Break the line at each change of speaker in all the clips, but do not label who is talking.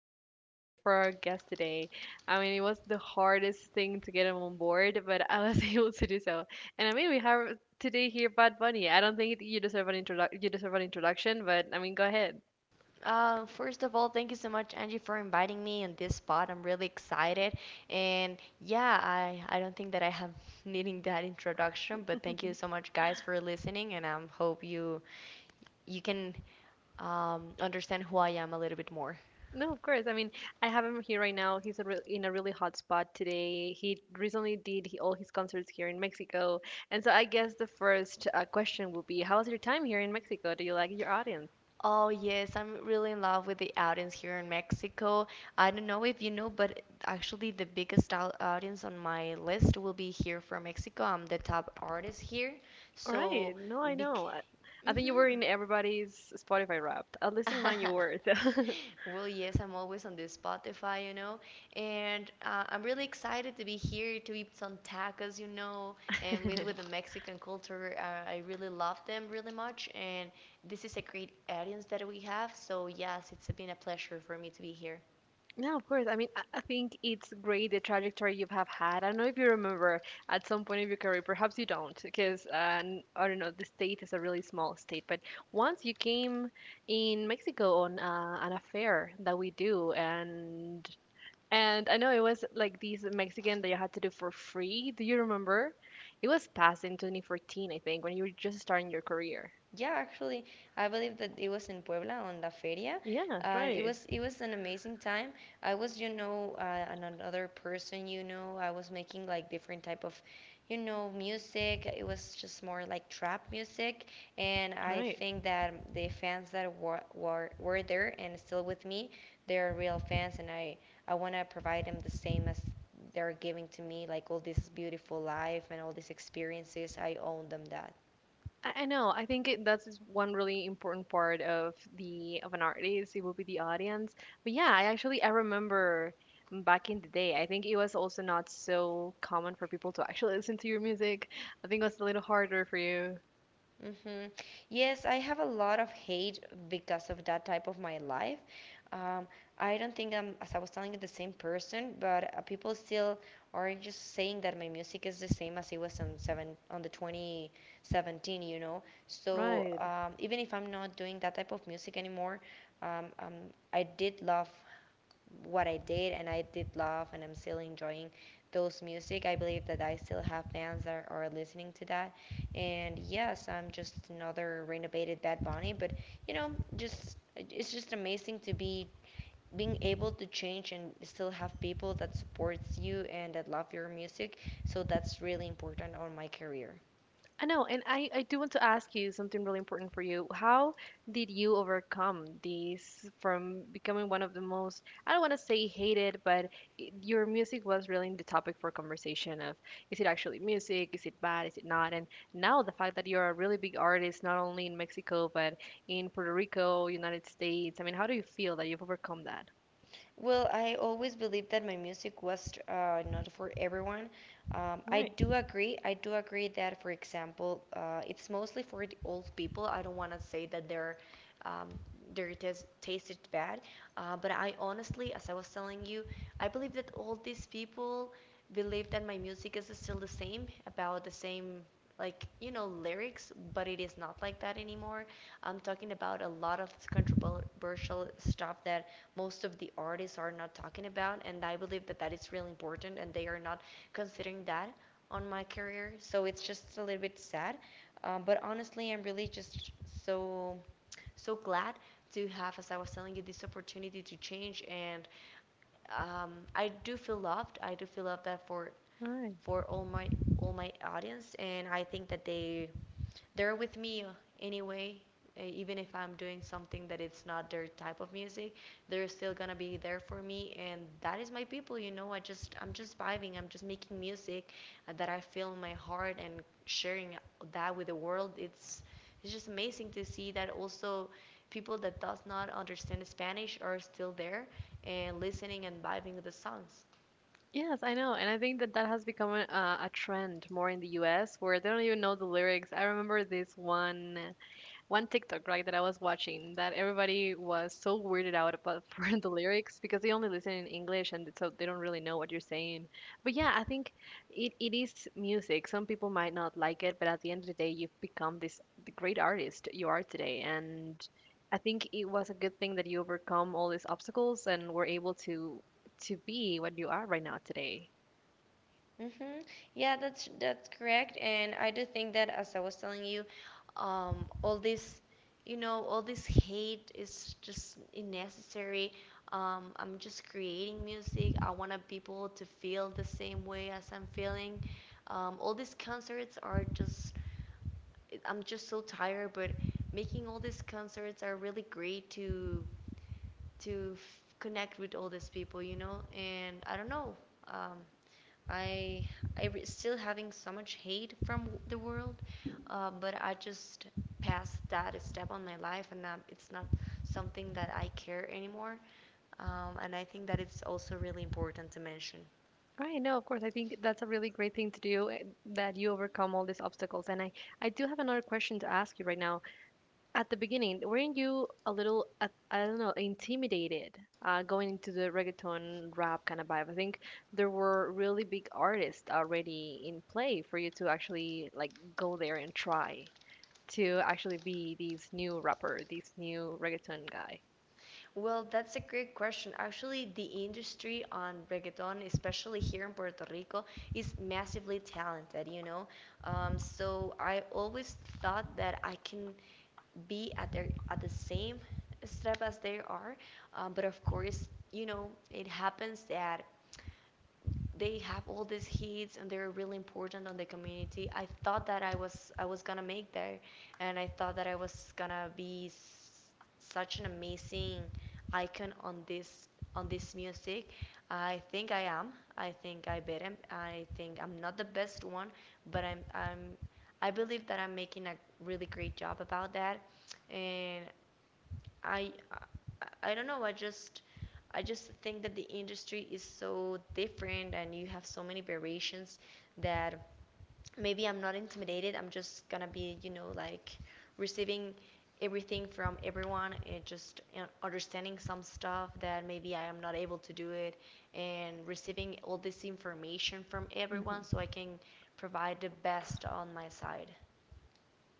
super excited for our guest today. It was the hardest thing to get him on board, but I was able to do so. And we have today here Bad Bunny. I don't think you deserve an you deserve an introduction, but I mean, go ahead.
First of all, thank you so much, Angie, for inviting me on this spot. I'm really excited, and yeah, I don't think that I have needing that introduction, but thank you so much, guys, for listening, and I hope you you can understand who I am a little bit more.
No, of course. I mean, I have him here right now. He's a in a really hot spot today. He recently did all his concerts here in Mexico, and so I guess the first question will be, how was your time here in Mexico? Do you like your audience?
Oh yes, I'm really in love with the audience here in Mexico. I don't know if you know, but actually the biggest audience on my list will be here from Mexico. I'm the top artist here, so
Right. No, I
bec-
know. I think you were
mhm.
in everybody's Spotify Wrapped. At least in mine, you were. So.
Well, yes, I'm always on the Spotify, and I'm really excited to be here to eat some tacos, and with the Mexican culture, I really love them really much, and this is a great audience that we have. So yes, it's been a pleasure for me to be here.
No, of course. I think it's great the trajectory you have had. I don't know if you remember at some point of your career, perhaps you don't, because I don't know, the state is a really small state. But once you came in Mexico on an affair that we do, and I know it was like these Mexican that you had to do for free. Do you remember? It was past in 2014, I think, when you were just starting your career.
Yeah, actually, I believe that it was in Puebla on La Feria,
Yeah,
and it
right.
was it was an amazing time. I was, you know, another person, you know, I was making like different type of, you know, music. It was just more like trap music, and
All
I
right.
think that the fans that were there and still with me, they're real fans, and I want to provide them the same as they're giving to me, like all this beautiful life and all these experiences. I own them that.
I know. That's just one really important part of the of an artist. It will be the audience. But yeah, I actually I remember back in the day. I think it was also not so common for people to actually listen to your music. I think it was a little harder for you.
Mm-hmm. Yes, I have a lot of hate because of that type of my life. Um, I don't think I'm, as I was telling you, the same person, but people still are just saying that my music is the same as it was on seven on the 2017, you know. So
Right.
even if I'm not doing that type of music anymore, um, um, I did love what I did, and I did love, and I'm still enjoying those music. I believe that I still have fans that are listening to that, and yes, I'm just another renovated Bad Bunny, but you know, just it's just amazing to be being able to change and still have people that supports you and that love your music. So that's really important on my career.
I know, and I do want to ask you something really important for you. How did you overcome these from becoming one of the most, I don't want to say hated, but I your music was really the topic for conversation of is it actually music? Is it bad? Is it not? And now the fact that you're a really big artist, not only in Mexico, but in Puerto Rico, United States, I mean, how do you feel that you've overcome that?
Well, I always believed that my music was not for everyone. I
Right,
do agree. I do agree that, for example, it's mostly for the old people. I don't want to say that they're um, their taste tasted bad, but I honestly, as I was telling you, I believe that all these people believe that my music is still the same, about the same, like you know, lyrics, but it is not like that anymore. I'm talking about a lot of this controversial stuff that most of the artists are not talking about, and I believe that that is really important, and they are not considering that on my career, so it's just a little bit sad. But honestly, I'm really just so so glad to have, as I was telling you, this opportunity to change. And I do feel loved. I do feel loved that
all right.
for all my audience, and I think that they they're with me anyway, even if I'm doing something that it's not their type of music, they're still gonna be there for me, and that is my people, you know. I just I'm just vibing, I'm just making music that I feel in my heart and sharing that with the world. It's just amazing to see that also people that does not understand Spanish are still there and listening and vibing with the songs.
Yes, I know. And I think that that has become a trend more in the US where they don't even know the lyrics. I remember this one TikTok, right, that I was watching that everybody was so weirded out about for the lyrics because they only listen in English, and so they don't really know what you're saying. But yeah, it is music. Some people might not like it, but at the end of the day, you've become this the great artist you are today. And I think it was a good thing that you overcome all these obstacles and were able to be what you are right now today.
Mm-hmm. Yeah, that's correct. And I do think that, as I was telling you, all this, you know, all this hate is just unnecessary. I'm just creating music. I wanted people to feel the same way as I'm feeling. All these concerts are just, I'm just so tired, but making all these concerts are really great to connect with all these people, you know. And I don't know. Um, I I still having so much hate from the world, but I just passed that step on my life, and now it's not something that I care anymore. And I think that it's also really important to mention.
Right, no, of course. I think that's a really great thing to do that you overcome all these obstacles. And I do have another question to ask you right now. At the beginning, weren't you a little, I don't know, intimidated going into the reggaeton rap kind of vibe? I think there were really big artists already in play for you to actually like go there and try to actually be this new rapper, this new reggaeton guy.
Well, that's a great question. Actually, the industry on reggaeton, especially here in Puerto Rico, is massively talented, you know. So I always thought that I can be at their at the same step as they are, but of course, you know, it happens that they have all these hits and they're really important on the community. I thought that I was gonna make there, and I thought that I was gonna be such an amazing icon on this music. I think I am. I think I better. I think I'm not the best one, but I'm I believe that I'm making a really great job about that, and I I don't know. I just think that the industry is so different, and you have so many variations that maybe I'm not intimidated. I'm just gonna be, you know, like receiving everything from everyone, and just understanding some stuff that maybe I am not able to do it, and receiving all this information from everyone so
Mm-hmm.
I can provide the best on my side.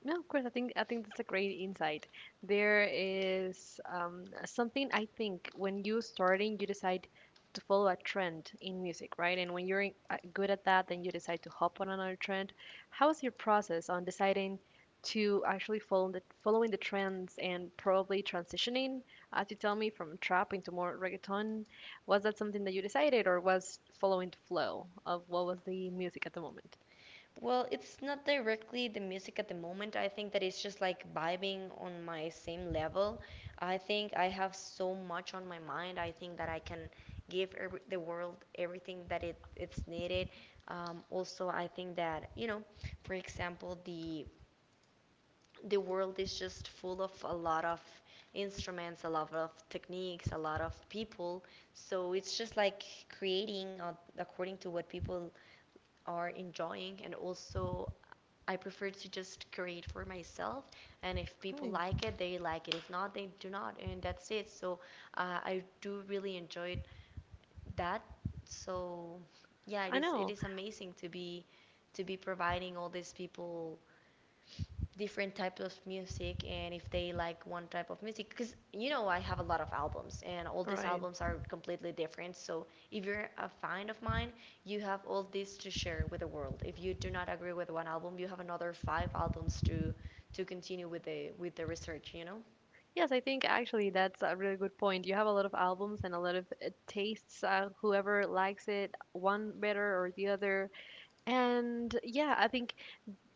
No, of course. I think that's a great insight. There is something I think when you starting, you decide to follow a trend in music, right? And when you're good at that, then you decide to hop on another trend. How is your process on deciding to actually following the trends and probably transitioning, as you tell me, from trap into more reggaeton? Was that something that you decided, or was following the flow of what was the music at the moment?
Well, it's not directly the music at the moment. I think that it's just like vibing on my same level. I think I have so much on my mind. I think that I can give every, the world everything that it's needed. Also, I think that, you know, for example, the world is just full of a lot of instruments, a lot of techniques, a lot of people. So it's just like creating according to what people are enjoying. And also I prefer to just create for myself, and if people
Right.
like it they like it, if not they do not, and that's it. So I do really enjoy that. So yeah, it
I
is it
know.
is amazing to be providing all these people different types of music, and if they like one type of music, because you know I have a lot of albums and all these
Right.
albums are completely different, so if you're a fan of mine, you have all this to share with the world. If you do not agree with one album, you have another five albums to continue with the research, you know.
Yes, I think actually that's a really good point. You have a lot of albums and a lot of tastes, whoever likes it, one better or the other. And yeah, I think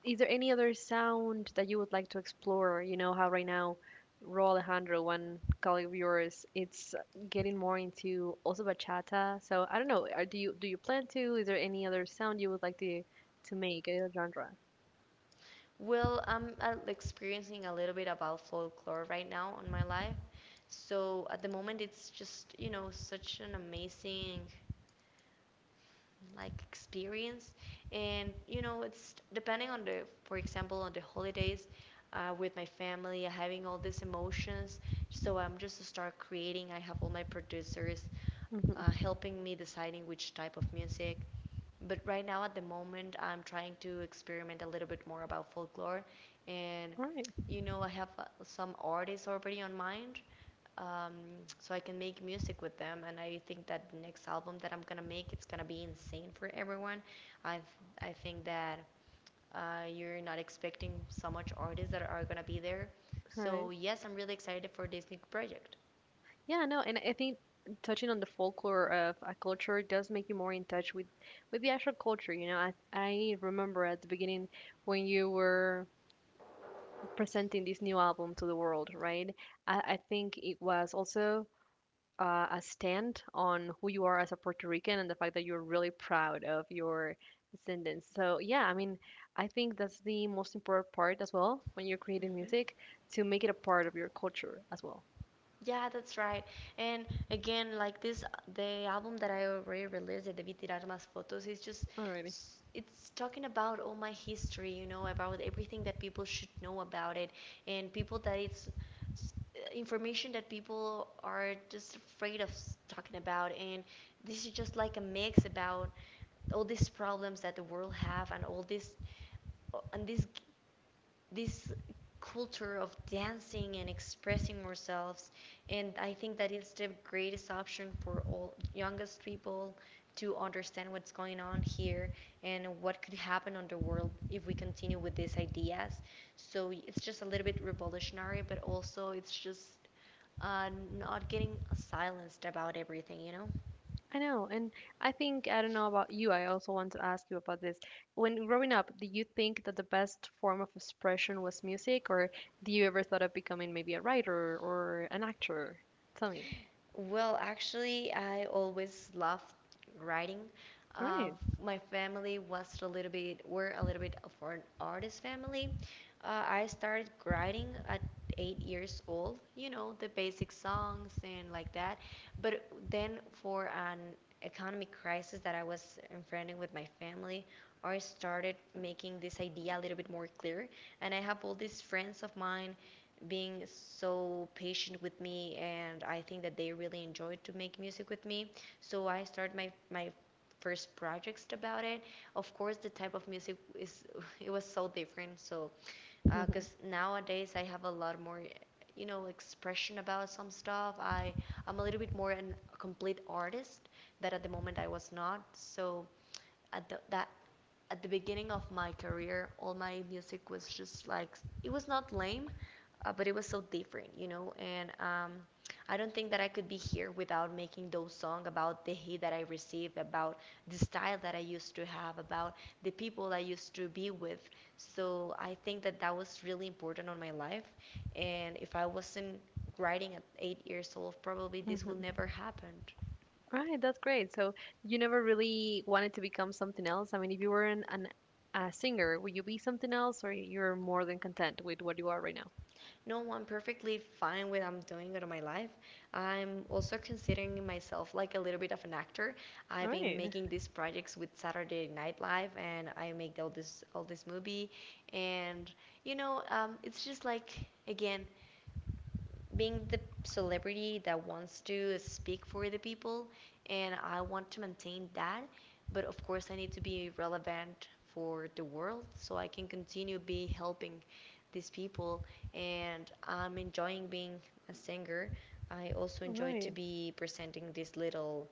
is there any other sound that you would like to explore? You know how right now Ro Alejandro, one colleague of yours, it's getting more into also bachata. So I don't know, do you plan to? Is there any other sound you would like to make, any other genre?
Well, I'm experiencing a little bit about folklore right now in my life, so at the moment it's just, you know, such an amazing like experience. And you know, it's depending on the for example on the holidays, with my family having all these emotions. So I'm just start creating, I have all my producers
Mhm.
helping me deciding which type of music, but right now at the moment I'm trying to experiment a little bit more about folklore. And
All right,
you know, I have some artists already on mind, um, so I can make music with them. And I think that the next album that I'm gonna make, it's gonna be insane for everyone. I th I think that you're not expecting so much artists that are gonna be there.
all right.
So yes, I'm really excited for this new project.
Yeah, no, and I think touching on the folklore of a culture does make you more in touch with the actual culture. You know, I remember at the beginning when you were presenting this new album to the world, right? I think it was also a stand on who you are as a Puerto Rican and the fact that you're really proud of your descendants. So yeah, I mean, I think that's the most important part as well when you're creating
Hmm.
music to make it a part of your culture as well.
Yeah, that's right. And again, like this, the album that I already released, the Debí Tirar Más Fotos, is just,
Alrighty.
it's talking about all my history, you know, about everything that people should know about it, and people that s- information that people are just afraid of talking about. And this is just like a mix about all these problems that the world have, and all this and these this culture of dancing and expressing ourselves. And I think that it's the greatest option for all youngest people to understand what's going on here and what could happen on the world if we continue with these ideas. So it's just a little bit revolutionary, but also it's just uh, not getting silenced about everything, you know.
I know, and I think I don't know about you. I also want to ask you about this. When growing up, did you think that the best form of expression was music, or do you ever thought of becoming maybe a writer or an actor? Tell me.
Well, actually, I always loved writing.
All
Uh,
right.
my family was a little bit, were a little bit of an artist family. I started writing at 8 years old, you know, the basic songs and like that. But then for an economic crisis that I was enfrenting with my family, I started making this idea a little bit more clear. And I have all these friends of mine being so patient with me, and I think that they really enjoyed to make music with me. So I started my first projects about it. Of course, the type of music is it was so different. So because nowadays I have a lot more expression about some stuff. I'm a little bit more a complete artist that at the moment I was not. So at the, that at the beginning of my career, all my music was just like it was not lame, but it was so different, you know. And I don't think that I could be here without making those songs about the hate that I received, about the style that I used to have, about the people I used to be with. So I think that that was really important on my life. And if I wasn't writing at 8 years old, probably this would
Mm-hmm.
never happened.
Right, that's great. So you never really wanted to become something else. I mean, if you were an a singer, would you be something else, or you're more than content with what you are right now?
No, I'm perfectly fine with I'm doing out of my life. I'm also considering myself like a little bit of an actor.
All
I've been
right,
making these projects with Saturday Night Live, and I make all this movie, and it's just like again, being the celebrity that wants to speak for the people, and I want to maintain that. But of course, I need to be relevant for the world so I can continue be helping these people. And I'm enjoying being a singer. I also
all
enjoy to
right.
be presenting this little,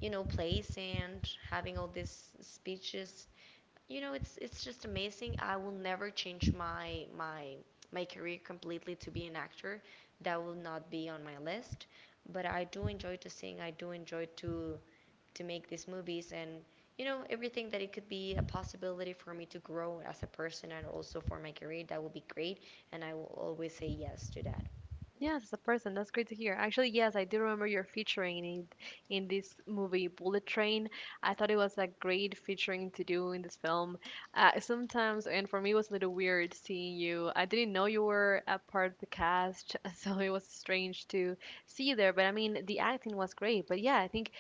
place and having all these speeches, it's just amazing. I will never change my my career completely to be an actor. That will not be on my list, but I do enjoy to sing. I do enjoy to make these movies, and everything that it could be a possibility for me to grow as a person and also for my career, that would be great, and I will always say yes to that.
Yes, as a person. That's great to hear. Actually, yes, I do remember your featuring in it, in this movie Bullet Train. I thought it was a great featuring to do in this film. Sometimes, and for me, it was a little weird seeing you. I didn't know you were a part of the cast, so it was strange to see you there. But I mean, the acting was great. But yeah, I think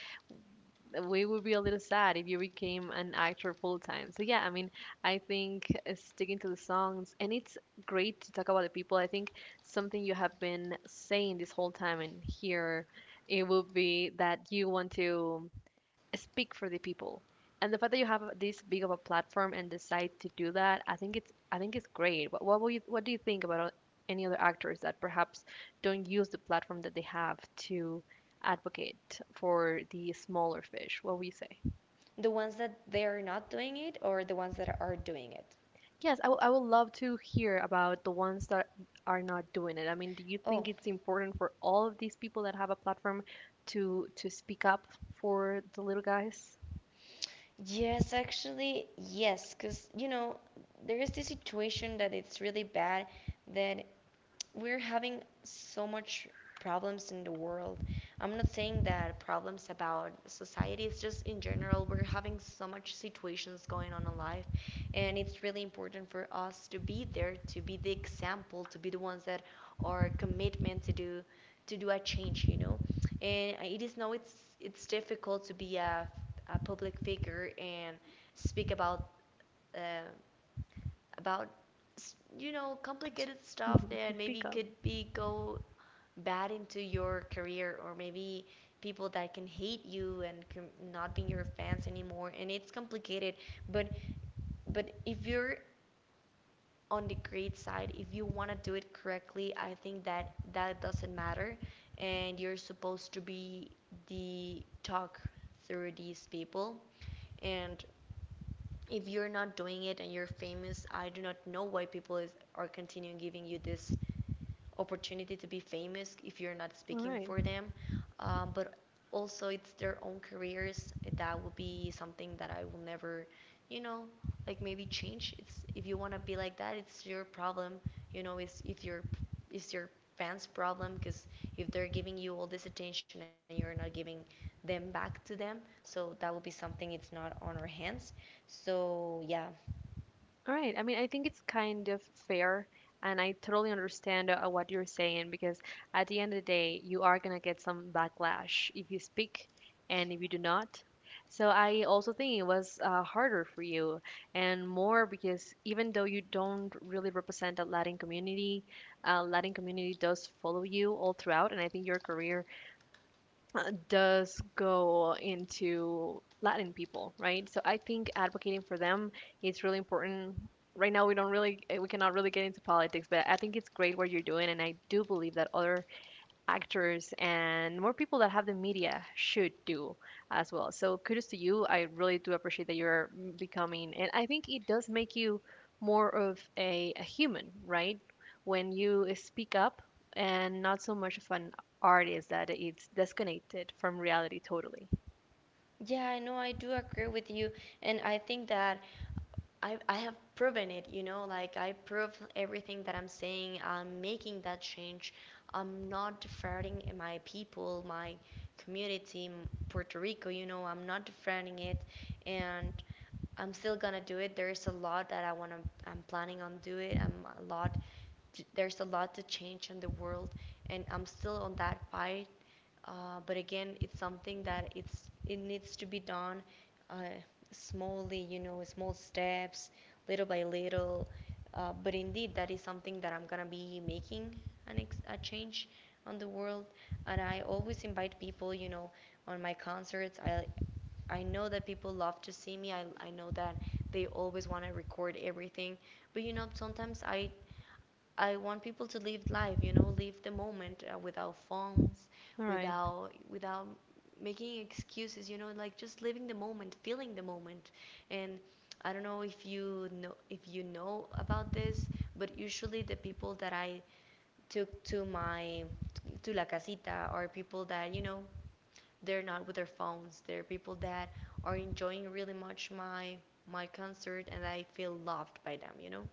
we would be a little sad if you became an actor full time. So yeah, I mean, I think sticking to the songs and it's great to talk about the people. I think something you have been saying this whole time and here it would be that you want to speak for the people. And the fact that you have this big of a platform and decide to do that, I think it's great. What do you think about any other actors that perhaps don't use the platform that they have to advocate for the smaller fish? What will you say?
The ones that they're not doing it or the ones that are doing it?
Yes, I would love to hear about the ones that are not doing it. I mean, do you think
Oh.
it's important for all of these people that have a platform to speak up for the little guys?
Yes, actually, yes, because there is this situation that it's really bad that we're having so much problems in the world. I'm not saying that problems about society, it's just in general, we're having so much situations going on in life, and it's really important for us to be there, to be the example, to be the ones that are commitment to do a change, And it is now it's difficult to be a public figure and speak uh, about
To, s-
complicated stuff
mhm, to
that
speak
maybe
up.
could be go bad into your career, or maybe people that can hate you and can not being your fans anymore, and it's complicated, but but if you're on the great side, if you want to do it correctly, I think that that doesn't matter, and you're supposed to be the talk through these people. And if you're not doing it and you're famous, I do not know why are continuing giving you this opportunity to be famous if you're not
All
speaking
right.
for them. But also, it's their own careers. That will be something that I will never, you know, like maybe change. It's if you want to be like that, it's your problem. You know. It's your fans' problem, because if they're giving you all this attention and you're not giving them back to them, so that will be something it's not on our hands. So yeah.
All right. I mean, I think it's kind of fair, and I totally understand what you're saying because at the end of the day, you are gonna get some backlash if you speak and if you do not. So I also think it was harder for you and more because even though you don't really represent a Latin community does follow you all throughout, and I think your career does go into Latin people, right? So I think advocating for them is really important. Right now, we don't really, we cannot really get into politics, but I think it's great what you're doing, and I do believe that other actors and more people that have the media should do as well. So kudos to you. I really do appreciate that you're becoming, and I think it does make you more of a human, right? When you speak up and not so much of an artist that it's disconnected from reality totally.
Yeah, I know I do agree with you, and I think that I have proven it, like I prove everything that I'm saying. I'm making that change. I'm not defrauding my people, my community, Puerto Rico, I'm not defrauding it, and I'm still gonna do it. There's a lot that I wanna, I'm planning on do it. I'm a lot, there's a lot to change in the world, and I'm still on that fight. But again, it's something that it needs to be done, uh, smallly, small steps, little by little. But indeed, that is something that I'm gonna be making a change on the world. And I always invite people, on my concerts. I know that people love to see me. I know that they always want to record everything. But, sometimes I want people to live life, live the moment without phones,
All right.
without without making excuses, like just living the moment, feeling the moment. And I don't know if you know about this, but usually the people that I took to my to la casita are people that, they're not with their phones. They're people that are enjoying really much my concert, and I feel loved by them, you know?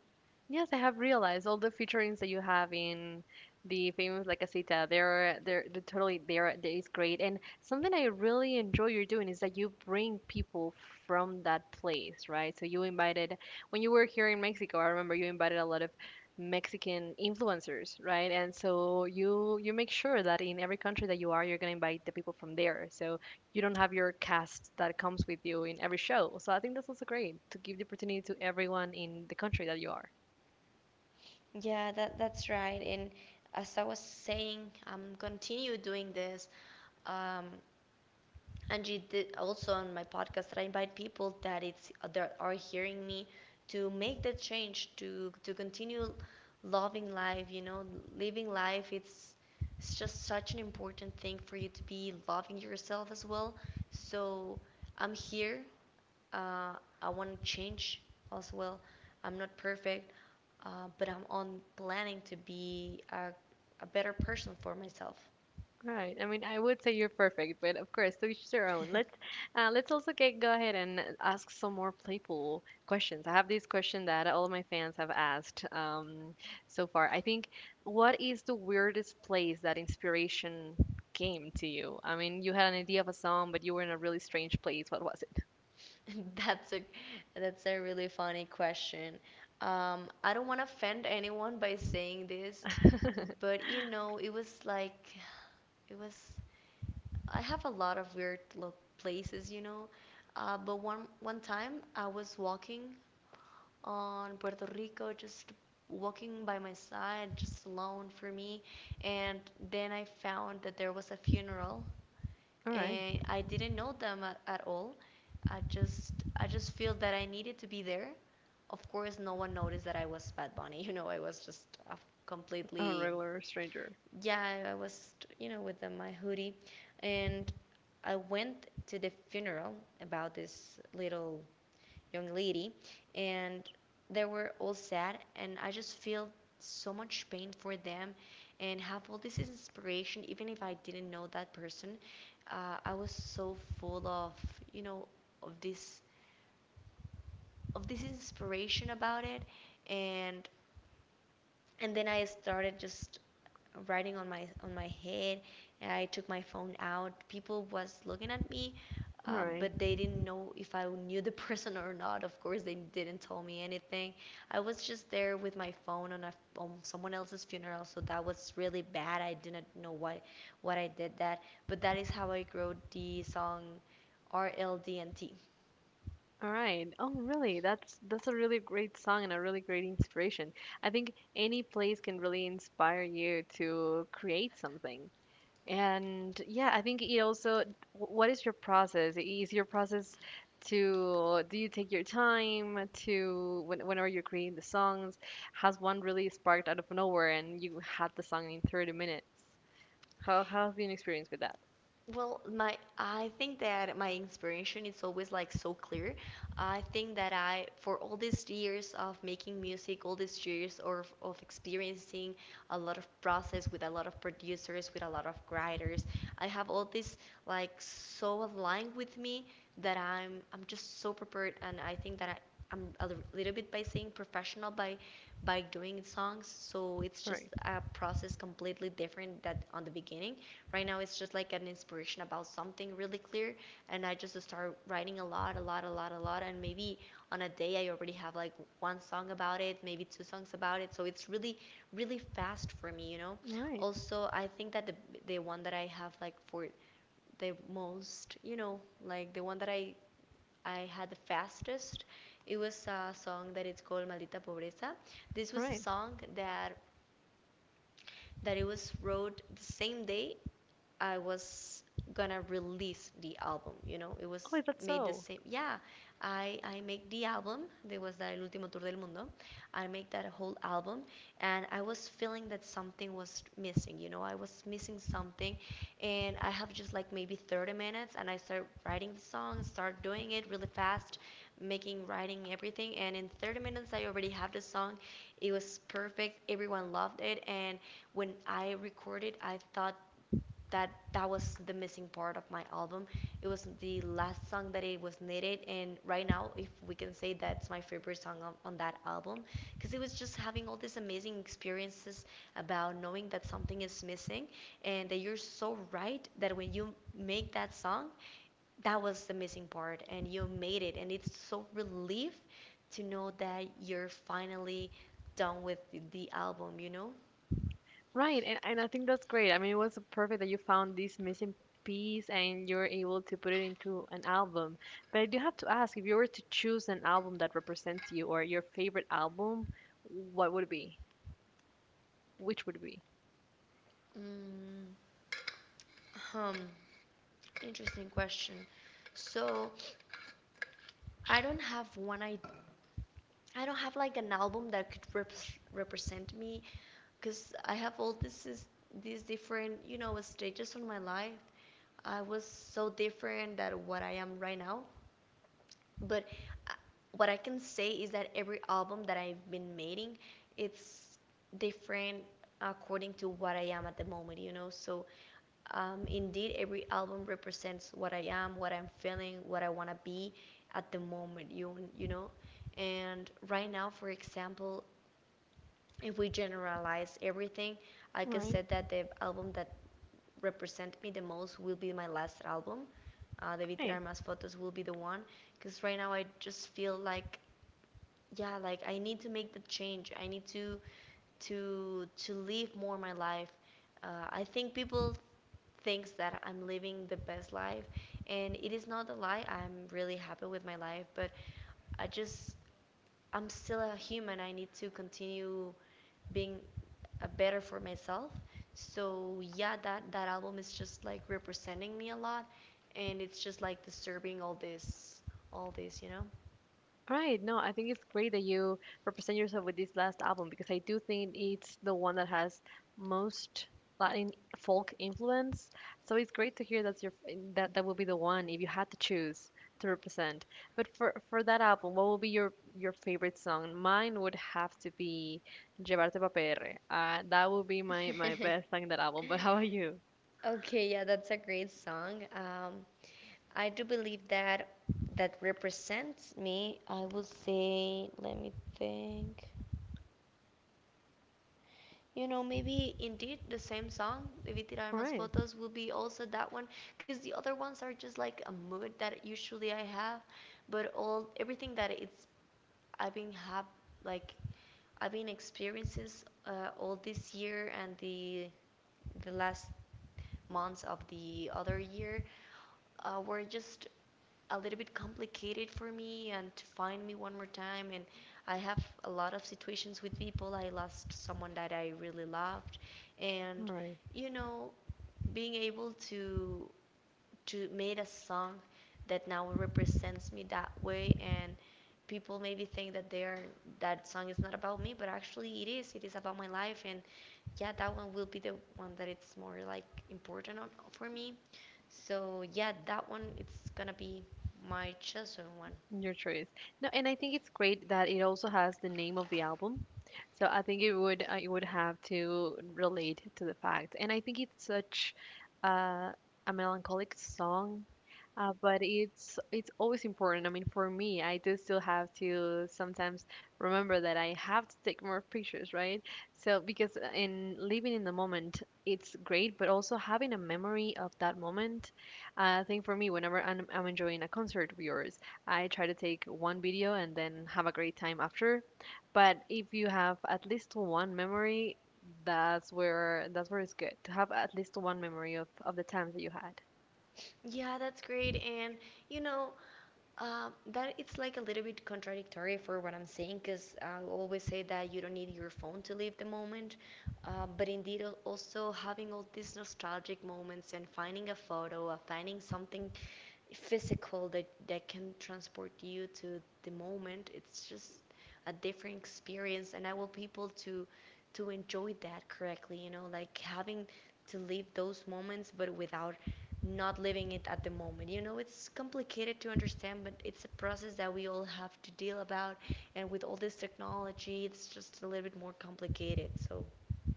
Yes, I have realized all the featurings that you have in the famous La Casita. They're totally there. That is great. And something I really enjoy you're doing is that you bring people from that place, right? So you invited when you were here in Mexico. I remember you invited a lot of Mexican influencers, right? And so you make sure that in every country that you are, you're gonna invite the people from there. So you don't have your cast that comes with you in every show. So I think that's also great to give the opportunity to everyone in the country that you are.
Yeah, that that's right. And as I was saying, I'm continue doing this. Um, Angie did also on my podcast that I invite people that it's that are hearing me to make that change to continue loving life. Living life. It's just such an important thing for you to be loving yourself as well. So I'm here, uh, I want to change as well. I'm not perfect, but I'm on planning to be a better person for myself.
Right. I mean, I would say you're perfect, but of course, to each their own. Let's go ahead and ask some more playful questions. I have this question that all of my fans have asked so far. I think, what is the weirdest place that inspiration came to you? I mean, you had an idea of a song, but you were in a really strange place. What was it?
That's a that's a really funny question. I don't want to offend anyone by saying this, but you know, it was like it was. I have a lot of weird places, you know. But one one time I was walking on Puerto Rico, just walking by my side, just alone for me. And then I found that there was a funeral,
All right.
and I didn't know them at all. I just feel that I needed to be there. Of course, no one noticed that I was Bad Bunny. You know, I was just
A
completely
regular stranger.
yeah, I was, you know, with my hoodie, and I went to the funeral about this little young lady, and they were all sad, and I just feel so much pain for them and have all this inspiration, even if I didn't know that person. I was so full of, you know of this of this inspiration about it. and and then I started just writing on my head, and I took my phone out. People was looking at me,
All right.
but they didn't know if I knew the person or not. Of course, they didn't tell me anything. I was just there with my phone on a on someone else's funeral, so that was really bad. I didn't know why what I did that, but that is how I wrote the song RLDNT.
All right. Oh, really? That's a really great song and a really great inspiration. I think any place can really inspire you to create something. And yeah, I think it also, what is your process? Is your process to, do you take your time to, when, whenever you're creating the songs, has one really sparked out of nowhere and you had the song in 30 minutes? How's been your experience with that?
Well, my I think that my inspiration is always like so clear. I think that I for all these years of making music, all these years of experiencing a lot of process with a lot of producers, with a lot of writers, I have all this like so aligned with me, that I'm just so prepared. And I think that I'm a little bit, by saying, professional by doing songs, so it's
All
just
right.
a process completely different that on the beginning. Right now, it's just like an inspiration about something really clear, and I just start writing a lot, a lot, a lot, a lot, and maybe on a day I already have like one song about it, maybe two songs about it. So it's really, really fast for me, you know.
All right.
Also, I think that the one that I have like for the most, you know, like the one that I had the fastest, it was a song that it's called Maldita Pobreza. This
All
was a
right.
song that that it was wrote the same day I was gonna release the album, you know, it
Oh,
was
is that
made the
so?
same. Yeah, I make the album. There was that El Último Tour del Mundo. I make that whole album, and I was feeling that something was missing. You know, I was missing something, and I have just like maybe 30 minutes, and I start writing the song, start doing it really fast, making, writing everything, and in 30 minutes I already have the song. It was perfect. Everyone loved it, and when I recorded, I thought that that was the missing part of my album. It was the last song that it was needed, and right now, if we can say, that's my favorite song on that album, because it was just having all these amazing experiences about knowing that something is missing, and that you're so right that when you make that song, that was the missing part, and you made it, and it's so relief to know that you're finally done with the album, you know.
Right, and I think that's great. I mean, it was perfect that you found this missing piece and you're able to put it into an album. But I do have to ask, if you were to choose an album that represents you or your favorite album, what would it be? Which would it be?
Mm, hmm. Interesting question. So, I don't have one. I don't have like an album that could represent me because I have all this is these different stages of my life. I was so different than what I am right now. But uh, what I can say is that every album that I've been making, it's different according to what I am at the moment. You know. Indeed, every album represents what I am, what I'm feeling, what I want to be at the moment, you know? And right now, for example, if we generalize everything, I could
Right.
say that the album that represent me the most will be my last album. Debí
Right.
tirar más fotos will be the one. Because right now, I just feel like yeah, like I need to make the change, I need to to live more my life. I think people thinks that I'm living the best life. And it is not a lie, I'm really happy with my life, but I just, I'm still a human. I need to continue being better for myself. So yeah, that album is just like representing me a lot. And it's just like disturbing all this,
Right. No, I think it's great that you represent yourself with this last album because I do think it's the one that has most Latin folk influence. So it's great to hear that's your that that will be the one if you had to choose to represent. But for that album, what will be your favorite song? Mine would have to be Llevarte pa' PR. That would be
know?
my best song in that album. But how about you?
Okay, yeah, that's a great song. I do believe that that represents me. I would say, let me think. You know, maybe indeed the same song, Debí tirar
All
más
right.
fotos, will be also that one, because the other ones are just like a mood that usually I have, but all everything that it's I've been have like I've been experiences all this year and the last months of the other year were just a little bit complicated for me and to find me one more time. And I have a lot of situations with people. I lost someone that I really loved.
All
And
right.
you know being able to made a song that now represents me that way. And people maybe think that they are that song is not about me, but actually it is, it is about my life. And yeah, that one will be the one that it's more like important on, for me. So yeah, that one it's gonna be my chosen one.
Your choice. No, and I think it's great that it also has the name of the album. So I think it would have to relate to the fact. And I think it's such uh, a melancholic song, but it's always important. I mean, for me, I do still have to sometimes remember that I have to take more pictures, right? So because in living in the moment, it's great, but also having a memory of that moment. I think for me, whenever I'm enjoying a concert of yours. I try to take one video and then have a great time after. But if you have at least one memory, that's where it's good to have at least one memory of the times that you had.
Yeah, that's great. And you know, that it's like a little bit contradictory for what I'm saying, because I always say that you don't need your phone to live the moment. But indeed, also having all these nostalgic moments and finding a photo, or finding something physical that that can transport you to the moment, it's just a different experience. And I want people to enjoy that correctly, you know, like having to live those moments, but without not living it at the moment. You know, it's complicated to understand, but it's a process that we all have to deal about. And with all this technology, it's just a little bit more complicated. So,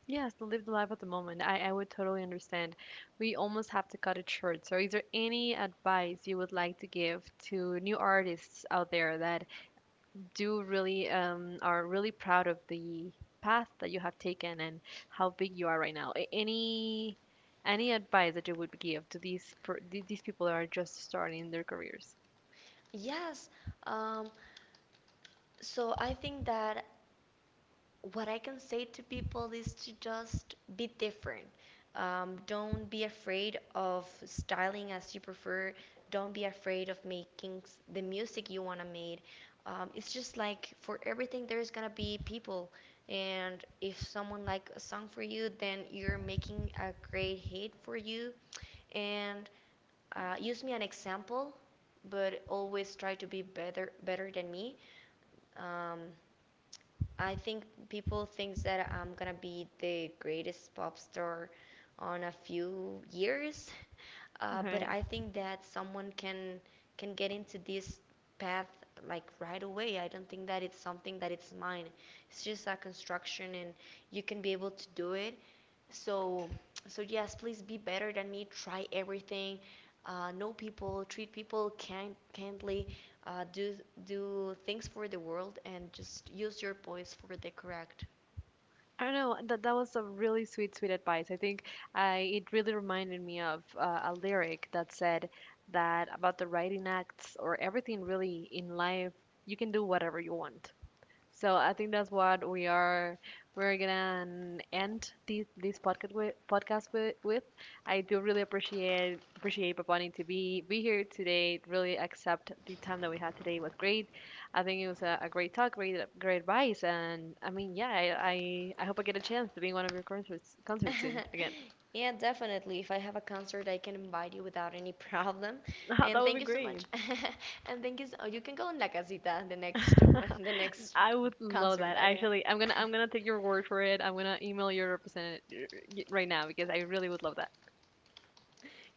Yes, to live the life of the moment. I would totally understand. We almost have to cut it short. So is there any advice you would like to give to new artists out there that do really are really proud of the path that you have taken and how big you are right now. Any advice that you would give to these these people that are just starting their careers?
yes. Um, so I think that what I can say to people is to just be different. Don't be afraid of styling as you prefer. Don't be afraid of making the music you want to make. It's just like for everything, there's going to be people. And if someone like a song for you, then you're making a great hit for you. And use me an example, but always try to be better than me. Um, I think people think that I'm gonna be the greatest pop star on a few years, but
Right.
I think that someone can get into this path like right away. I don't think that it's something that it's mine. It's just a construction, and you can be able to do it. So, so yes, please be better than me. Try everything. Know people, treat people kindly. Uh, do do things for the world, and just use your voice for the correct.
I don't know. That was a really sweet, sweet advice. I think I it really reminded me of a lyric that said that about the writing acts or everything really in life, you can do whatever you want. So I think that's what we are we're gonna end this podcast with. I do really appreciate Papani to be here today. Really accept the time that we had today was great. I think it was a great talk, great advice, and I mean yeah, I hope I get a chance to be in one of your concerts soon again.
Yeah, definitely. If I have a concert, I can invite you without any problem.
That
And
would
thank
be
you so
great.
much. And thank you. So, you can go in La Casita the next the next
I would love
concert
that.
that I
Actually,
have.
I'm gonna take your word for it. I'm gonna email your representative right now because I really would love that.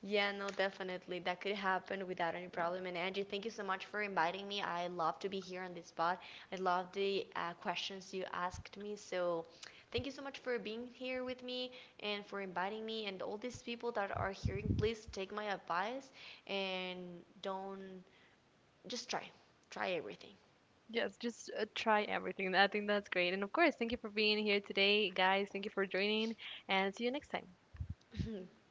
Yeah, no, definitely. That could happen without any problem. And Angie, thank you so much for inviting me. I love to be here on this spot. I love the questions you asked me. So, thank you so much for being here with me and for inviting me. And all these people that are hearing, please take my advice and don't just try. Try everything.
Yes, just try everything. I think that's great. And of course, thank you for being here today, guys. Thank you for joining, and see you next time.